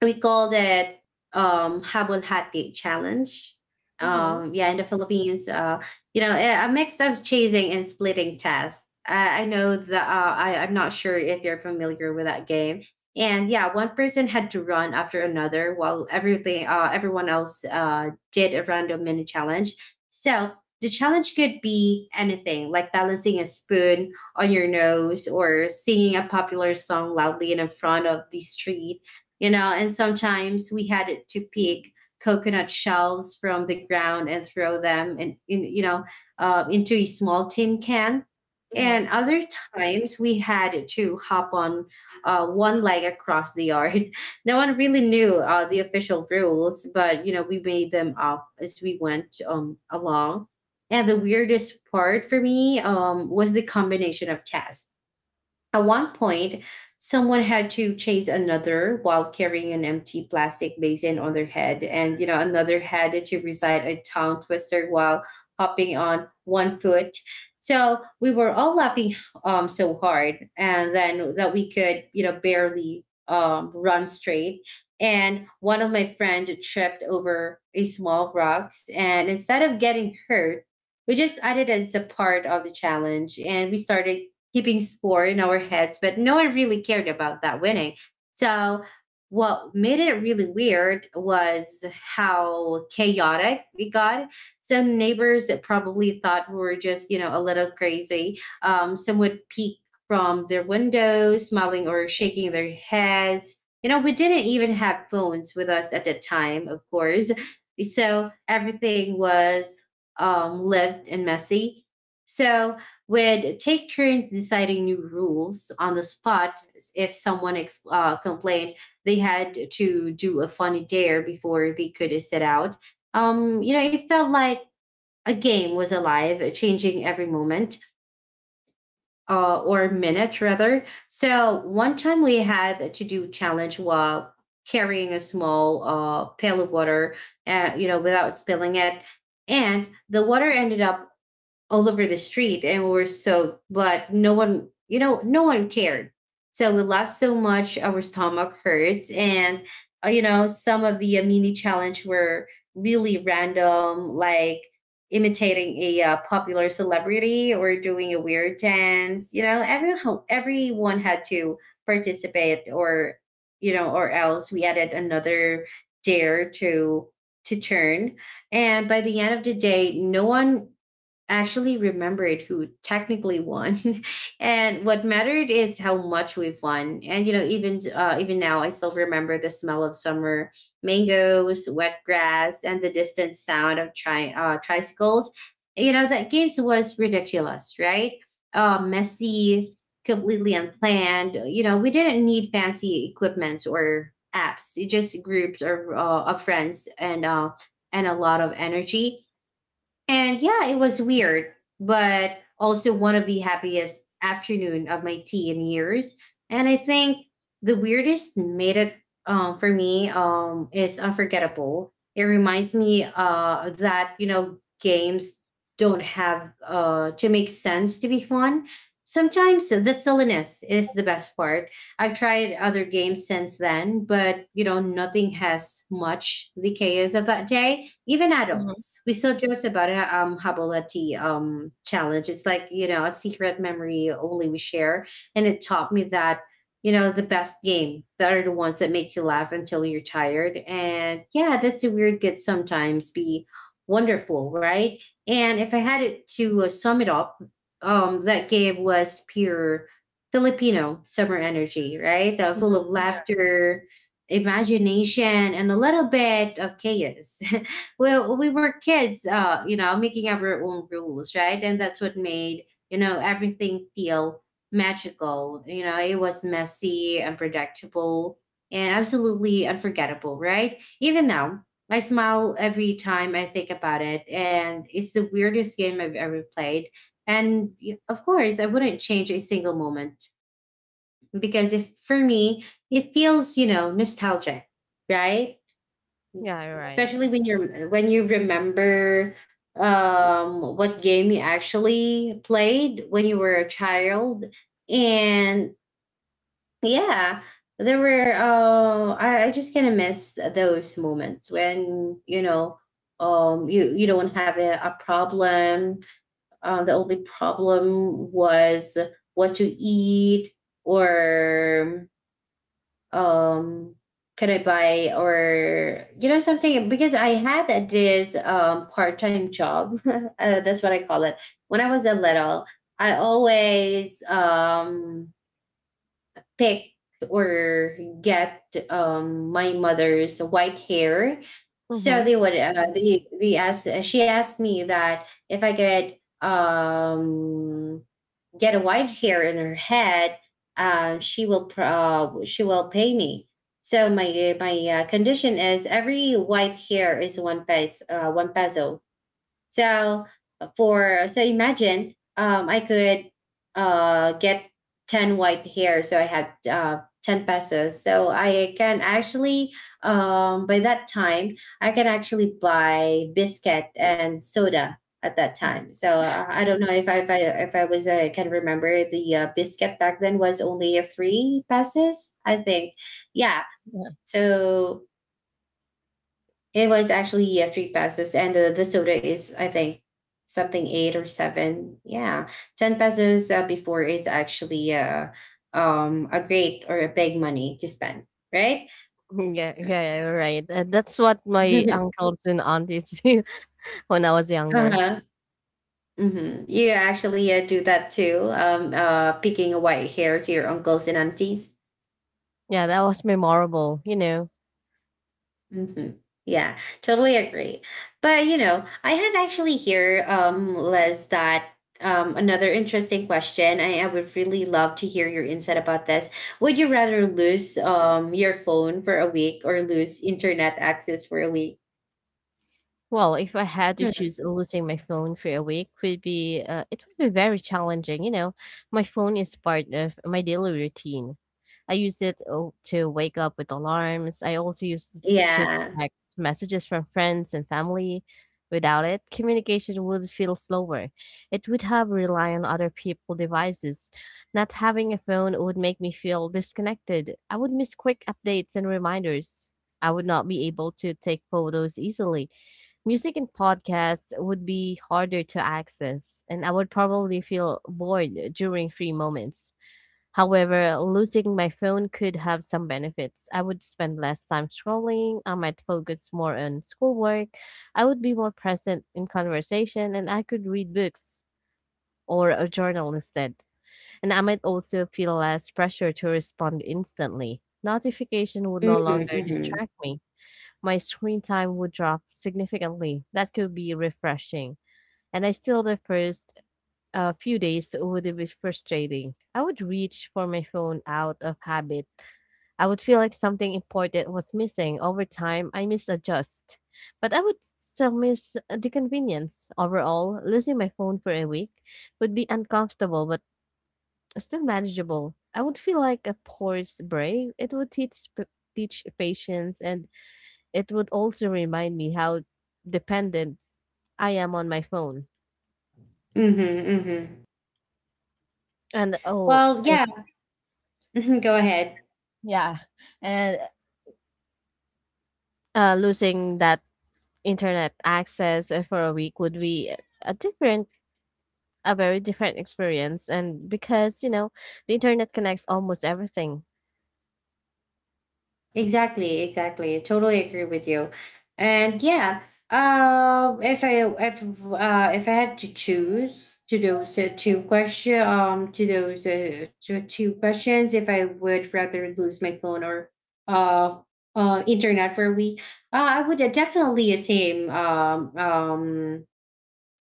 A: We called it um Habol Hati challenge.
B: Mm-hmm,
A: Um, yeah, in the Philippines, uh, you know, a a mix of chasing and splitting tasks. I, I know that uh, I, I'm not sure if you're familiar with that game. And yeah, one person had to run after another while everything, uh, everyone else uh, did a random mini challenge. So the challenge could be anything like balancing a spoon on your nose or singing a popular song loudly in front of the street, you know, and sometimes we had to pick coconut shells from the ground and throw them and in, you know uh, into a small tin can.
B: mm-hmm,
A: And other times we had to hop on uh, one leg across the yard. No one really knew uh, the official rules, but you know, we made them up as we went um, along. And the weirdest part for me um, was the combination of tests. At one point, someone had to chase another while carrying an empty plastic basin on their head, and you know, another had to recite a tongue twister while hopping on one foot. So we were all laughing um, so hard, and then that we could, you know, barely um, run straight. And one of my friends tripped over a small rocks, and instead of getting hurt, we just added it as a part of the challenge, and we started keeping score in our heads, but no one really cared about that winning. So what made it really weird was how chaotic we got. Some neighbors that probably thought we were just, you know, a little crazy. Um, some would peek from their windows, smiling or shaking their heads. You know, we didn't even have phones with us at the time, of course. So everything was um, lived and messy. So would take turns deciding new rules on the spot. If someone ex- uh, complained, they had to do a funny dare before they could set out. Um, you know, it felt like a game was alive, changing every moment uh, or minute, rather. So one time we had to do challenge while carrying a small uh, pail of water, uh, you know, without spilling it. And the water ended up all over the street, and we were so, but no one, you know, no one cared. So we laughed so much our stomach hurts, and uh, you know, some of the uh, mini challenge were really random, like imitating a uh, popular celebrity or doing a weird dance. You know, everyone everyone had to participate, or you know, or else we added another dare to to turn. And by the end of the day, no one actually remembered who technically won, and what mattered is how much we've won. And you know, even uh, even now, I still remember the smell of summer mangoes, wet grass, and the distant sound of tri- uh, tricycles. You know, that games was ridiculous, right? Uh, messy, completely unplanned. You know, we didn't need fancy equipments or apps. It just groups or uh, of friends, and uh, and a lot of energy. And yeah, it was weird, but also one of the happiest afternoon of my tea in years. And I think the weirdest made it um, for me um, is unforgettable. It reminds me uh, that you know, games don't have uh, to make sense to be fun. Sometimes the silliness is the best part. I've tried other games since then, but you know, nothing has much the chaos of that day, even
B: mm-hmm.
A: adults. We still jokes about it, um Habolati um challenge. It's like, you know, a secret memory only we share. And it taught me that, you know, the best game that are the ones that make you laugh until you're tired. And yeah, that's the weird could sometimes be wonderful, right? And if I had it to uh, sum it up, um that game was pure Filipino summer energy, right? Uh, full of laughter, imagination, and a little bit of chaos. Well well, we were kids, uh you know, making our own rules, right? And that's what made, you know, everything feel magical. You know, it was messy, unpredictable, and absolutely unforgettable, right? Even now, I smile every time I think about it, and it's the weirdest game I've ever played. And y- of course, I wouldn't change a single moment, because if for me, it feels, you know, nostalgic, right?
B: Yeah, you're right.
A: Especially when you're when you remember um what game you actually played when you were a child. And yeah, there were uh i, I just kind of miss those moments when, you know, um you you don't have a, a problem. Uh, the only problem was what to eat, or um can I buy or, you know, something, because I had this um, part-time job. Uh, that's what I call it. When I was a little, I always um pick or get um my mother's white hair. So
B: Mm-hmm.
A: they would uh, they they asked, she asked me that if I could um get a white hair in her head, uh, she will pr- uh, she will pay me. So my my uh, condition is every white hair is one peso, uh, one peso. So uh, for so imagine, um, I could uh, get ten white hair, so I have uh, ten pesos. So I can actually, um, by that time, I can actually buy biscuit and soda at that time. So uh, I don't know if I if I, if I was uh, I can remember the uh, biscuit back then was only a three pesos, I think. Yeah. So it was actually, yeah, three pesos, and uh, the soda is, I think, something eight or seven. Yeah, ten pesos uh, before is actually uh, um a great or a big money to spend, right?
B: Mm, yeah, yeah, yeah, you're right. Uh, that's what my uncles and aunties do when I was younger.
A: Uh-huh. Hmm. You actually uh, do that too, um, uh, picking a white hair to your uncles and aunties.
B: Yeah, that was memorable, you know.
A: Hmm. Yeah, totally agree. But you know, I have actually here, um, Les, that um, another interesting question. I, I would really love to hear your insight about this. Would you rather lose um your phone for a week or lose internet access for a week?
B: Well, if I had to
A: Hmm.
B: choose losing my phone for a week, would be uh, it would be very challenging. You know, my phone is part of my daily routine. I use it uh, to wake up with alarms. I also use it to
A: Yeah.
B: text messages from friends and family. Without it, communication would feel slower. It would have rely on other people' devices. Not having a phone would make me feel disconnected. I would miss quick updates and reminders. I would not be able to take photos easily, music and podcasts would be harder to access, and I would probably feel bored during free moments. However, losing my phone could have some benefits. I would spend less time scrolling, I might focus more on schoolwork, I would be more present in conversation, and I could read books or a journal instead. And I might also feel less pressure to respond instantly. Notification would no longer
A: Mm-hmm, mm-hmm.
B: distract me, my screen time would drop significantly. That could be refreshing. And I still, the first uh, few days would be frustrating. I would reach for my phone out of habit. I would feel like something important was missing. Over time, I misadjust. But I would still miss the convenience. Overall, losing my phone for a week would be uncomfortable, but still manageable. I would feel like a forced break. It would teach, teach patience and it would also remind me how dependent I am on my phone.
A: Mm-hmm, mm-hmm.
B: And oh,
A: Well,
B: it-
A: yeah. Go ahead.
B: yeah. And uh, losing that internet access uh, for a week would be a different, a very different experience. And because, you know, the internet connects almost everything.
A: Exactly, exactly. I totally agree with you. And yeah, uh, if I if uh, if I had to choose to those uh, two question um to those uh, two, two questions, if I would rather lose my phone or uh uh internet for a week, uh, I would definitely assume um um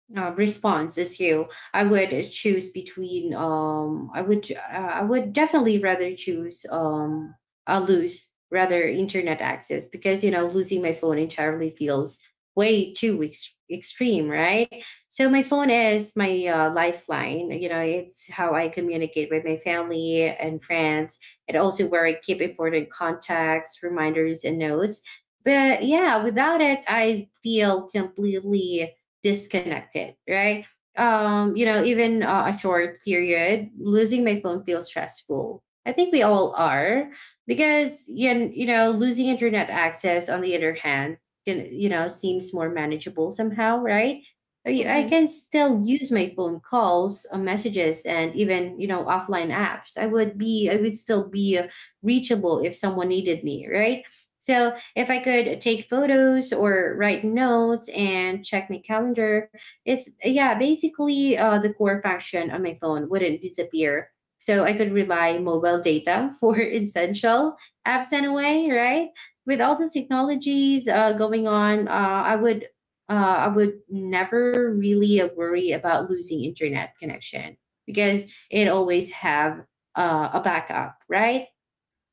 A: uh, response is you. I would choose between um I would, uh, I would definitely rather choose um I lose rather internet access, because you know, losing my phone entirely feels way too ex- extreme, right? So my phone is my uh, lifeline. You know, it's how I communicate with my family and friends, and also where I keep important contacts, reminders, and notes. But yeah, without it, I feel completely disconnected, right? Um, you know, even uh, a short period, losing my phone feels stressful. I think we all are, because you kn- you know, losing internet access, on the other hand, can, you know, seems more manageable somehow, right? I I
B: Hmm
A: can still use my phone calls, uh, messages, and even, you know, offline apps. I would be I would still be uh, reachable if someone needed me, right? So if I could take photos or write notes and check my calendar, it's, yeah, basically uh, the core function on my phone wouldn't disappear. So I could rely mobile data for essential apps in a way, right? With all the technologies uh, going on, uh, I would uh, I would never really uh, worry about losing internet connection because it always have uh, a backup, right?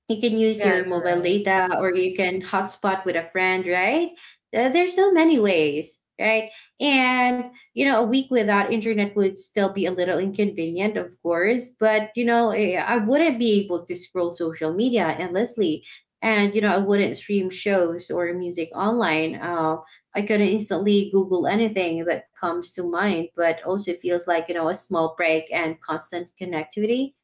A: You can use
B: Yeah,
A: your
B: you're
A: mobile
B: right.
A: data or you can hotspot with a friend, right? Uh, there's so many ways, right, and you know a week without internet would still be a little inconvenient, of course, but you know eh, I wouldn't be able to scroll social media endlessly, and you know I wouldn't stream shows or music online. uh, I could not instantly google anything that comes to mind, but also feels like, you know a small break and constant connectivity.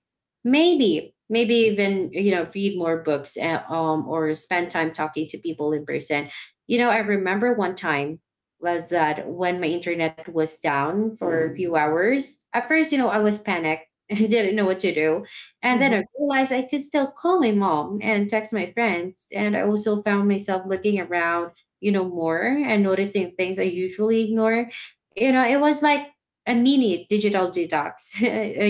A: Maybe, maybe even, you know, read more books and, um, or spend time talking to people in person. You know, I remember one time was that when my internet was down for a Mm. few hours. At first, you know, I was panicked and didn't know what to do. And then I
B: hmm
A: realized I could still call my mom and text my friends. And I also found myself looking around, you know, more and noticing things I usually ignore. You know, it was like a mini digital detox.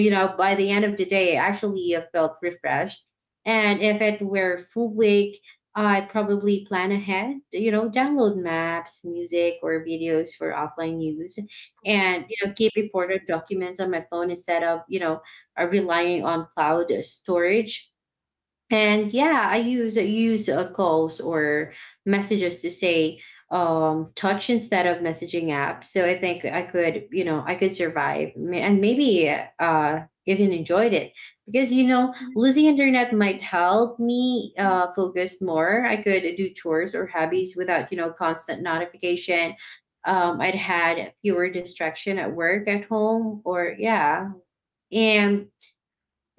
A: you know, By the end of the day, I actually uh, felt refreshed. And if it were full week, I probably plan ahead, you know, download maps, music, or videos for offline use,
B: Mhm.
A: and, you know, keep important documents on my phone instead of, you know, uh, relying on cloud storage. And yeah, I use use uh, calls or messages to say um, touch instead of messaging app. So I think I could, you know, I could survive May- and maybe uh, even enjoyed it, because you know losing internet might help me uh, focus more. I could do chores or hobbies without you know constant notification. Um, I'd had fewer distraction at work, at home, or yeah, and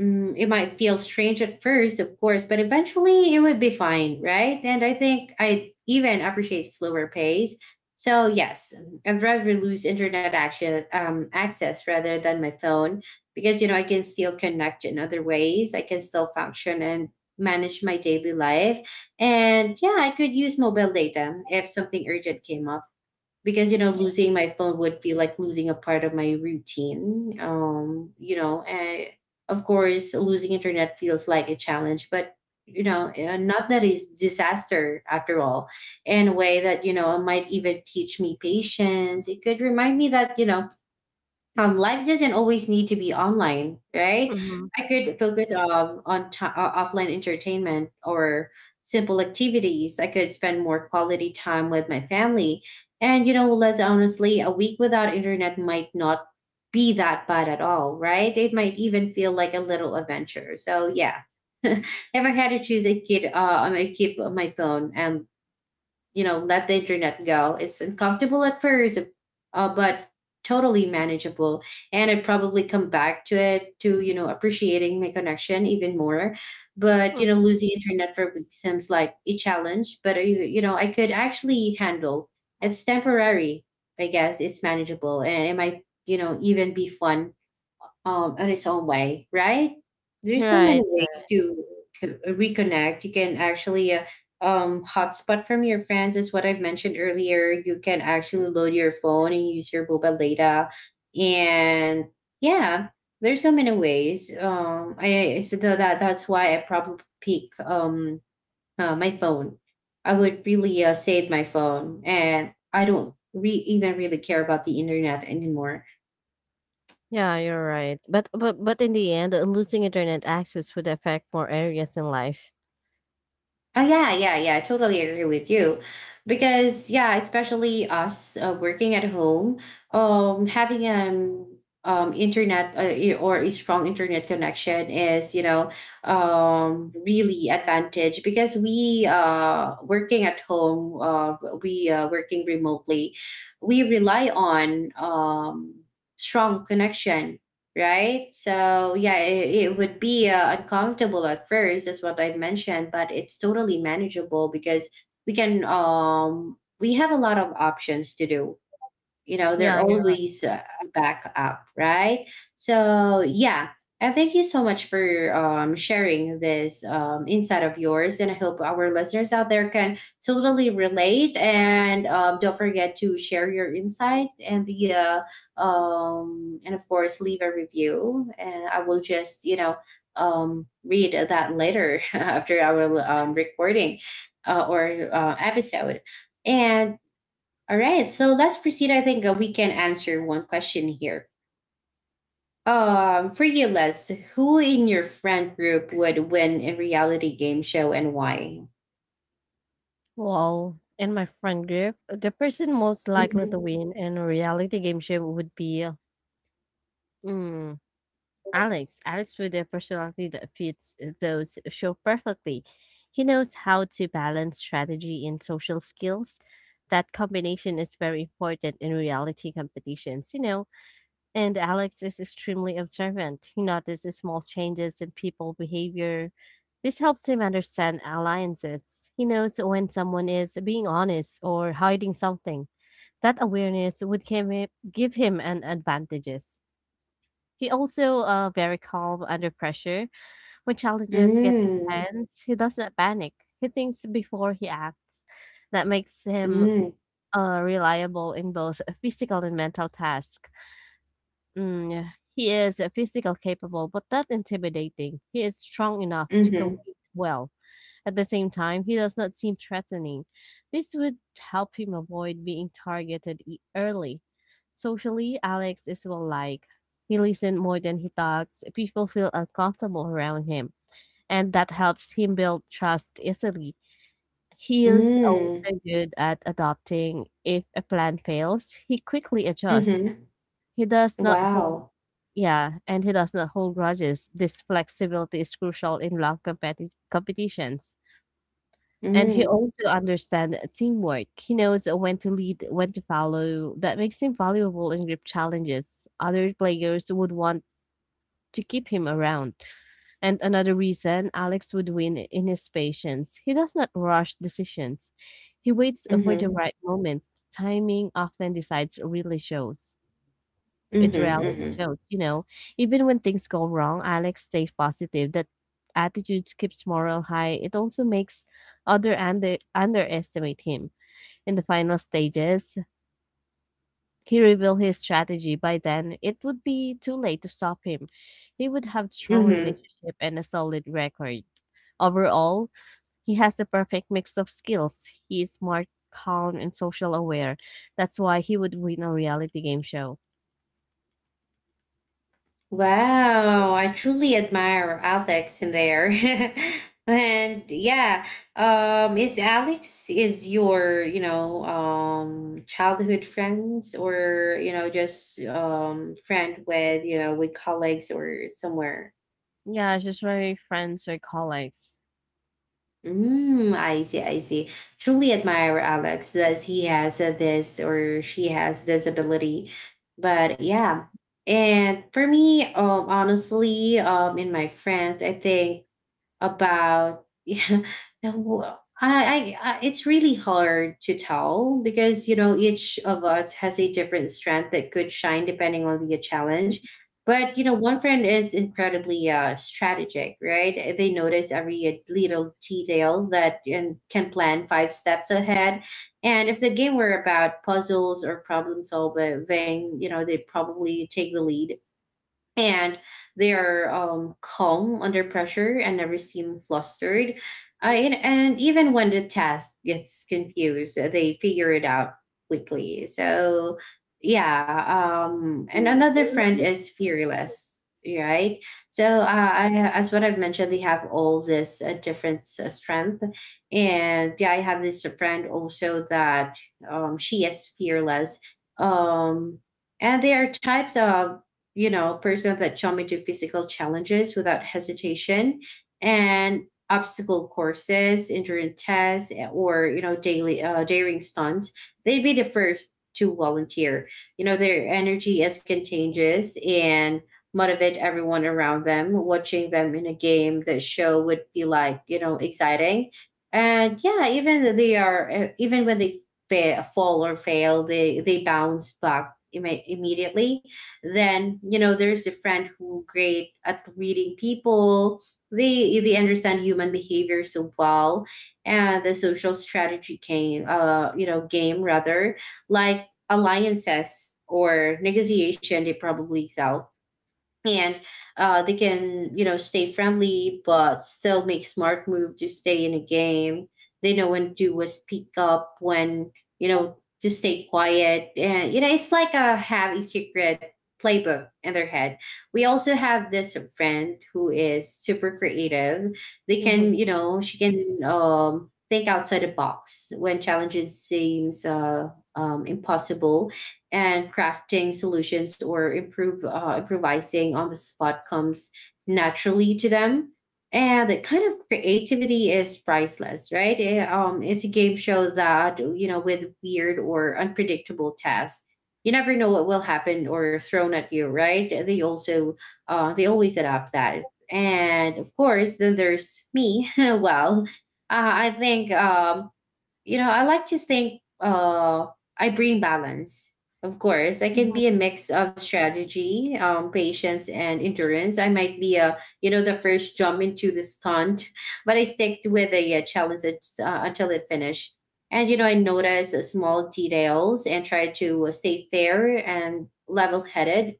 A: Mm, it might feel strange at first, of course, but eventually it would be fine, right? And I think I even appreciate slower pace. So yes, I'd rather lose internet action um, access rather than my phone, because you know I can still connect in other ways. I can still function and manage my daily life, and yeah, I could use mobile data if something urgent came up, because you know losing my phone would feel like losing a part of my routine. Um you know I, of course, losing internet feels like a challenge, but you know uh, not that it's disaster after all, in a way that, you know might even teach me patience. It could remind me that, you know um, life doesn't always need to be online, right?
B: Mhm.
A: I could focus um, on t- uh, offline entertainment or simple activities. I could spend more quality time with my family. And, you know, let's honestly, a week without internet might not be that bad at all, right? It might even feel like a little adventure. So, yeah. If I had to choose, I could, uh, I might keep my phone and, you know let the internet go. It's uncomfortable at first, uh, but totally manageable, and I'd probably come back to it to, you know appreciating my connection even more. But you know
B: Mhm.
A: losing internet for weeks seems like a challenge, but uh, you, you know I could actually handle. It's temporary. I guess it's manageable, and it might, you know even be fun um, on its own way, right? There's
B: You're
A: so many
B: right, you're
A: ways
B: right.
A: to co- reconnect. You can actually uh, um, hotspot from your friends, is what I've mentioned earlier. You can actually load your phone and use your mobile data, and yeah, there's so many ways. Um, I I- so tha- that that's why I probably pick um uh, my phone. I would really uh, save my phone, and I don't re- even really care about the internet anymore.
B: Yeah, you're right. But but but in the end, uh, losing internet access would affect more areas in life.
A: Oh yeah, yeah, yeah, I totally agree with you, because yeah, especially us uh, working at home, um, having um um internet, uh, i- or a strong internet connection, is, you know um really advantage, because we uh working at home, uh we uh working remotely, we rely on um strong connection, right? So yeah, it, it would be uh, uncomfortable at first, as what I mentioned, but it's totally manageable, because we can um we have a lot of options to do. You know,
B: Yeah,
A: they're
B: you're right.
A: always uh, back up, right? So yeah, I thank you so much for um, sharing this um, insight of yours, and I hope our listeners out there can totally relate, and um, don't forget to share your insight and the uh, um, and of course leave a review, and I will just, you know um, read that later. After our um, recording, uh, or uh, episode. And all right, so let's proceed. I think uh, we can answer one question here. Um, for you, Les, who in your friend group would win a reality game show and why?
B: Well, in my friend group, the person most likely to
A: Mm-hmm.
B: win in a reality game show would be uh, mm, Alex. Alex with a personality that fits those show perfectly. He knows how to balance strategy and social skills. That combination is very important in reality competitions, you know. And Alex is extremely observant. He notices small changes in people behavior. This helps him understand alliances. He knows when someone is being honest or hiding something. That awareness would give him, give him an advantages. He also uh, very calm under pressure. When challenges get
A: Mm,
B: intense, he does not panic. He thinks before he acts. That makes him
A: mm,
B: uh, reliable in both physical and mental tasks. Mm, yeah, he is uh, physical capable, but not intimidating. He is strong enough to
A: mm-hmm.
B: compete well. At the same time, he does not seem threatening. This would help him avoid being targeted e- early. Socially, Alex is well liked. He listens more than he talks. People feel uncomfortable around him, and that helps him build trust easily. He is
A: Mm,
B: also good at adapting. If a plan fails, he quickly adjusts.
A: mm-hmm.
B: He does not hold
A: Wow.
B: Yeah, and he does not hold grudges. This flexibility is crucial in long competi- competitions. And he
A: Mm,
B: also understands teamwork. He knows when to lead, when to follow. That makes him valuable in group challenges. Other players would want to keep him around. And another reason Alex would win in his patience. He does not rush decisions. He waits for the
A: mm-hmm.
B: right moment. Timing often decides really shows. It reality
A: Mm-hmm.
B: shows, you know. Even when things go wrong, Alex stays positive. That attitude keeps morale high. It also makes other under underestimate him. In the final stages, he revealed his strategy. By then, it would be too late to stop him. He would have strong
A: Mm-hmm.
B: relationship and a solid record. Overall, he has the perfect mix of skills. He is smart, calm, and social aware. That's why he would win a reality game show.
A: Wow, I truly admire Alex in there. And yeah, um is Alex is your, you know, um childhood friends, or, you know, just um friend with, you know, with colleagues or somewhere?
B: Yeah, it's just very friends or colleagues.
A: Mm, I see, I see. Truly admire Alex that he has uh, this, or she has this ability. But yeah, and for me, um, honestly, um, in my friends, I think about yeah, I, I, I it's really hard to tell, because you know each of us has a different strength that could shine depending on the challenge. But you know one friend is incredibly uh, strategic, right? Eh, they notice every eh, little detail that and can plan five steps ahead, and if the game were about puzzles or problem solving, you know they probably take the lead. And they are um, calm under pressure and never seem flustered. I and, and even when the task gets confused, uh, they figure it out quickly. So, yeah. Um, and another friend is fearless, right? So, uh, I, as what I've mentioned, they have all this uh, different uh, strength. And yeah, I have this friend also that, um, she is fearless. Um, and they are types of, you know, person that jump into physical challenges without hesitation, and obstacle courses, endurance tests, eh, or, you know, daily uh, daring stunts, they'd be the first to volunteer. You know, their energy is contagious and motivate everyone around them. Watching them in a game, the show would be like, you know exciting. And yeah, even though they are uh, even when they fa- fall or fail, they they bounce back imme- immediately. Then you know there's a friend who great at reading people. They they understand human behavior so well, and the social strategy game uh you know game, rather, like alliances or negotiation, they probably excel. And uh, they can, you know stay friendly but still make smart move to stay in a game. They know when to uh, speak up, when, you know to stay quiet, and, you know it's like a have a secret playbook in their head. We also have this friend who is super creative. They
B: Hmm
A: can, you know she can um think outside the box when challenges seems uh um, impossible, and crafting solutions or improve uh, improvising on the spot comes naturally to them. And the kind of creativity is priceless, right? It, um, it's a game show that, you know with weird or unpredictable tasks, you never know what will happen or thrown at you, right? They also uh, they always adapt that. And of course, then there's me. Well, uh, I think um, you know, I like to think, uh, I bring balance. Of course, I can be a
B: Mhm,
A: mix of strategy, um, patience, and endurance. I might be a, you know, the first jump into the stunt, but I stick with the uh, challenge it's, uh, until it finished. And you know, I notice uh, small details and try to uh, stay fair and level-headed.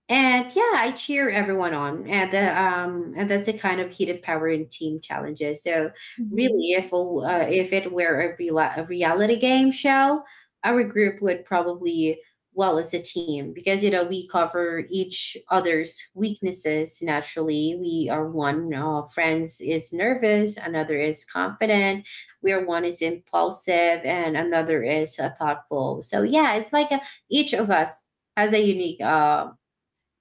A: And yeah, I cheer everyone on, and the, um, and that's the kind of heated power in team challenges. So
B: mhm.
A: really, if a, uh, if it were a, real- a reality game show, our group would probably well as a team, because you know we cover each other's weaknesses naturally. We are one uh, friends is nervous, another is confident. We are one is impulsive, and another is uh, thoughtful. So yeah, it's like a, each of us has a unique uh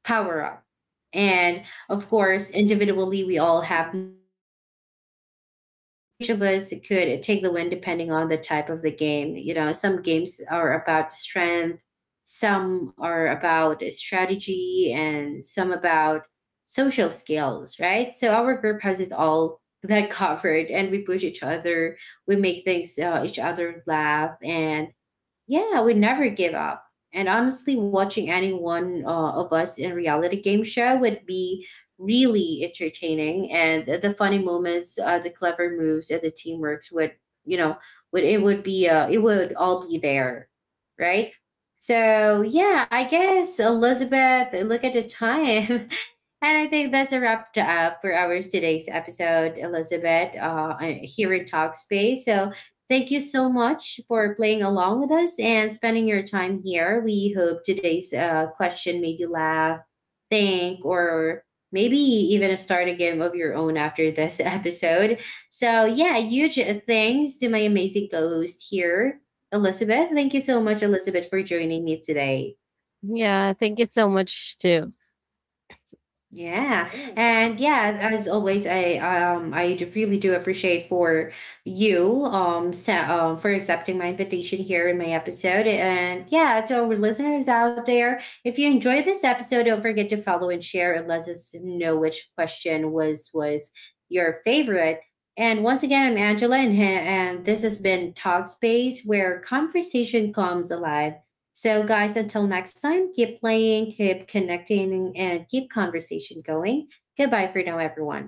A: power up. And of course, individually, we all have moments uh, of shine. So each of us could take the win depending on the type of the game. You know, some games are about strength, some are about strategy, and some about social skills, right? So our group has it all that covered, and we push each other. We make things uh, each other laugh, and yeah, we never give up. And honestly, watching any one uh, of us in reality game show would be really entertaining. And the the funny moments, uh, the clever moves, and the teamwork would, you know, would it would be uh, it would all be there, right? So yeah, I guess Elizabeth, look at the time. And I think that's a wrap to up for our today's episode, Elizabeth, uh, here in Talkspace. So thank you so much for playing along with us and spending your time here. We hope today's uh, question made you laugh, think, or maybe even start a game of your own after this episode. So yeah, huge thanks to my amazing co-host here, Elizabeth. Thank you so much, Elizabeth, for joining me today.
B: Yeah, thank you so much too.
A: Yeah. And yeah, as always, I um I d- really do appreciate for you um so, um for accepting my invitation here in my episode. And yeah, to our listeners out there, if you enjoy this episode, don't forget to follow and share and let us know which question was was your favorite. And once again, I'm Angela, and, and this has been Talk Space, where conversation comes alive. So, guys, until next time, keep playing, keep connecting, and keep conversation going. Goodbye for now, everyone.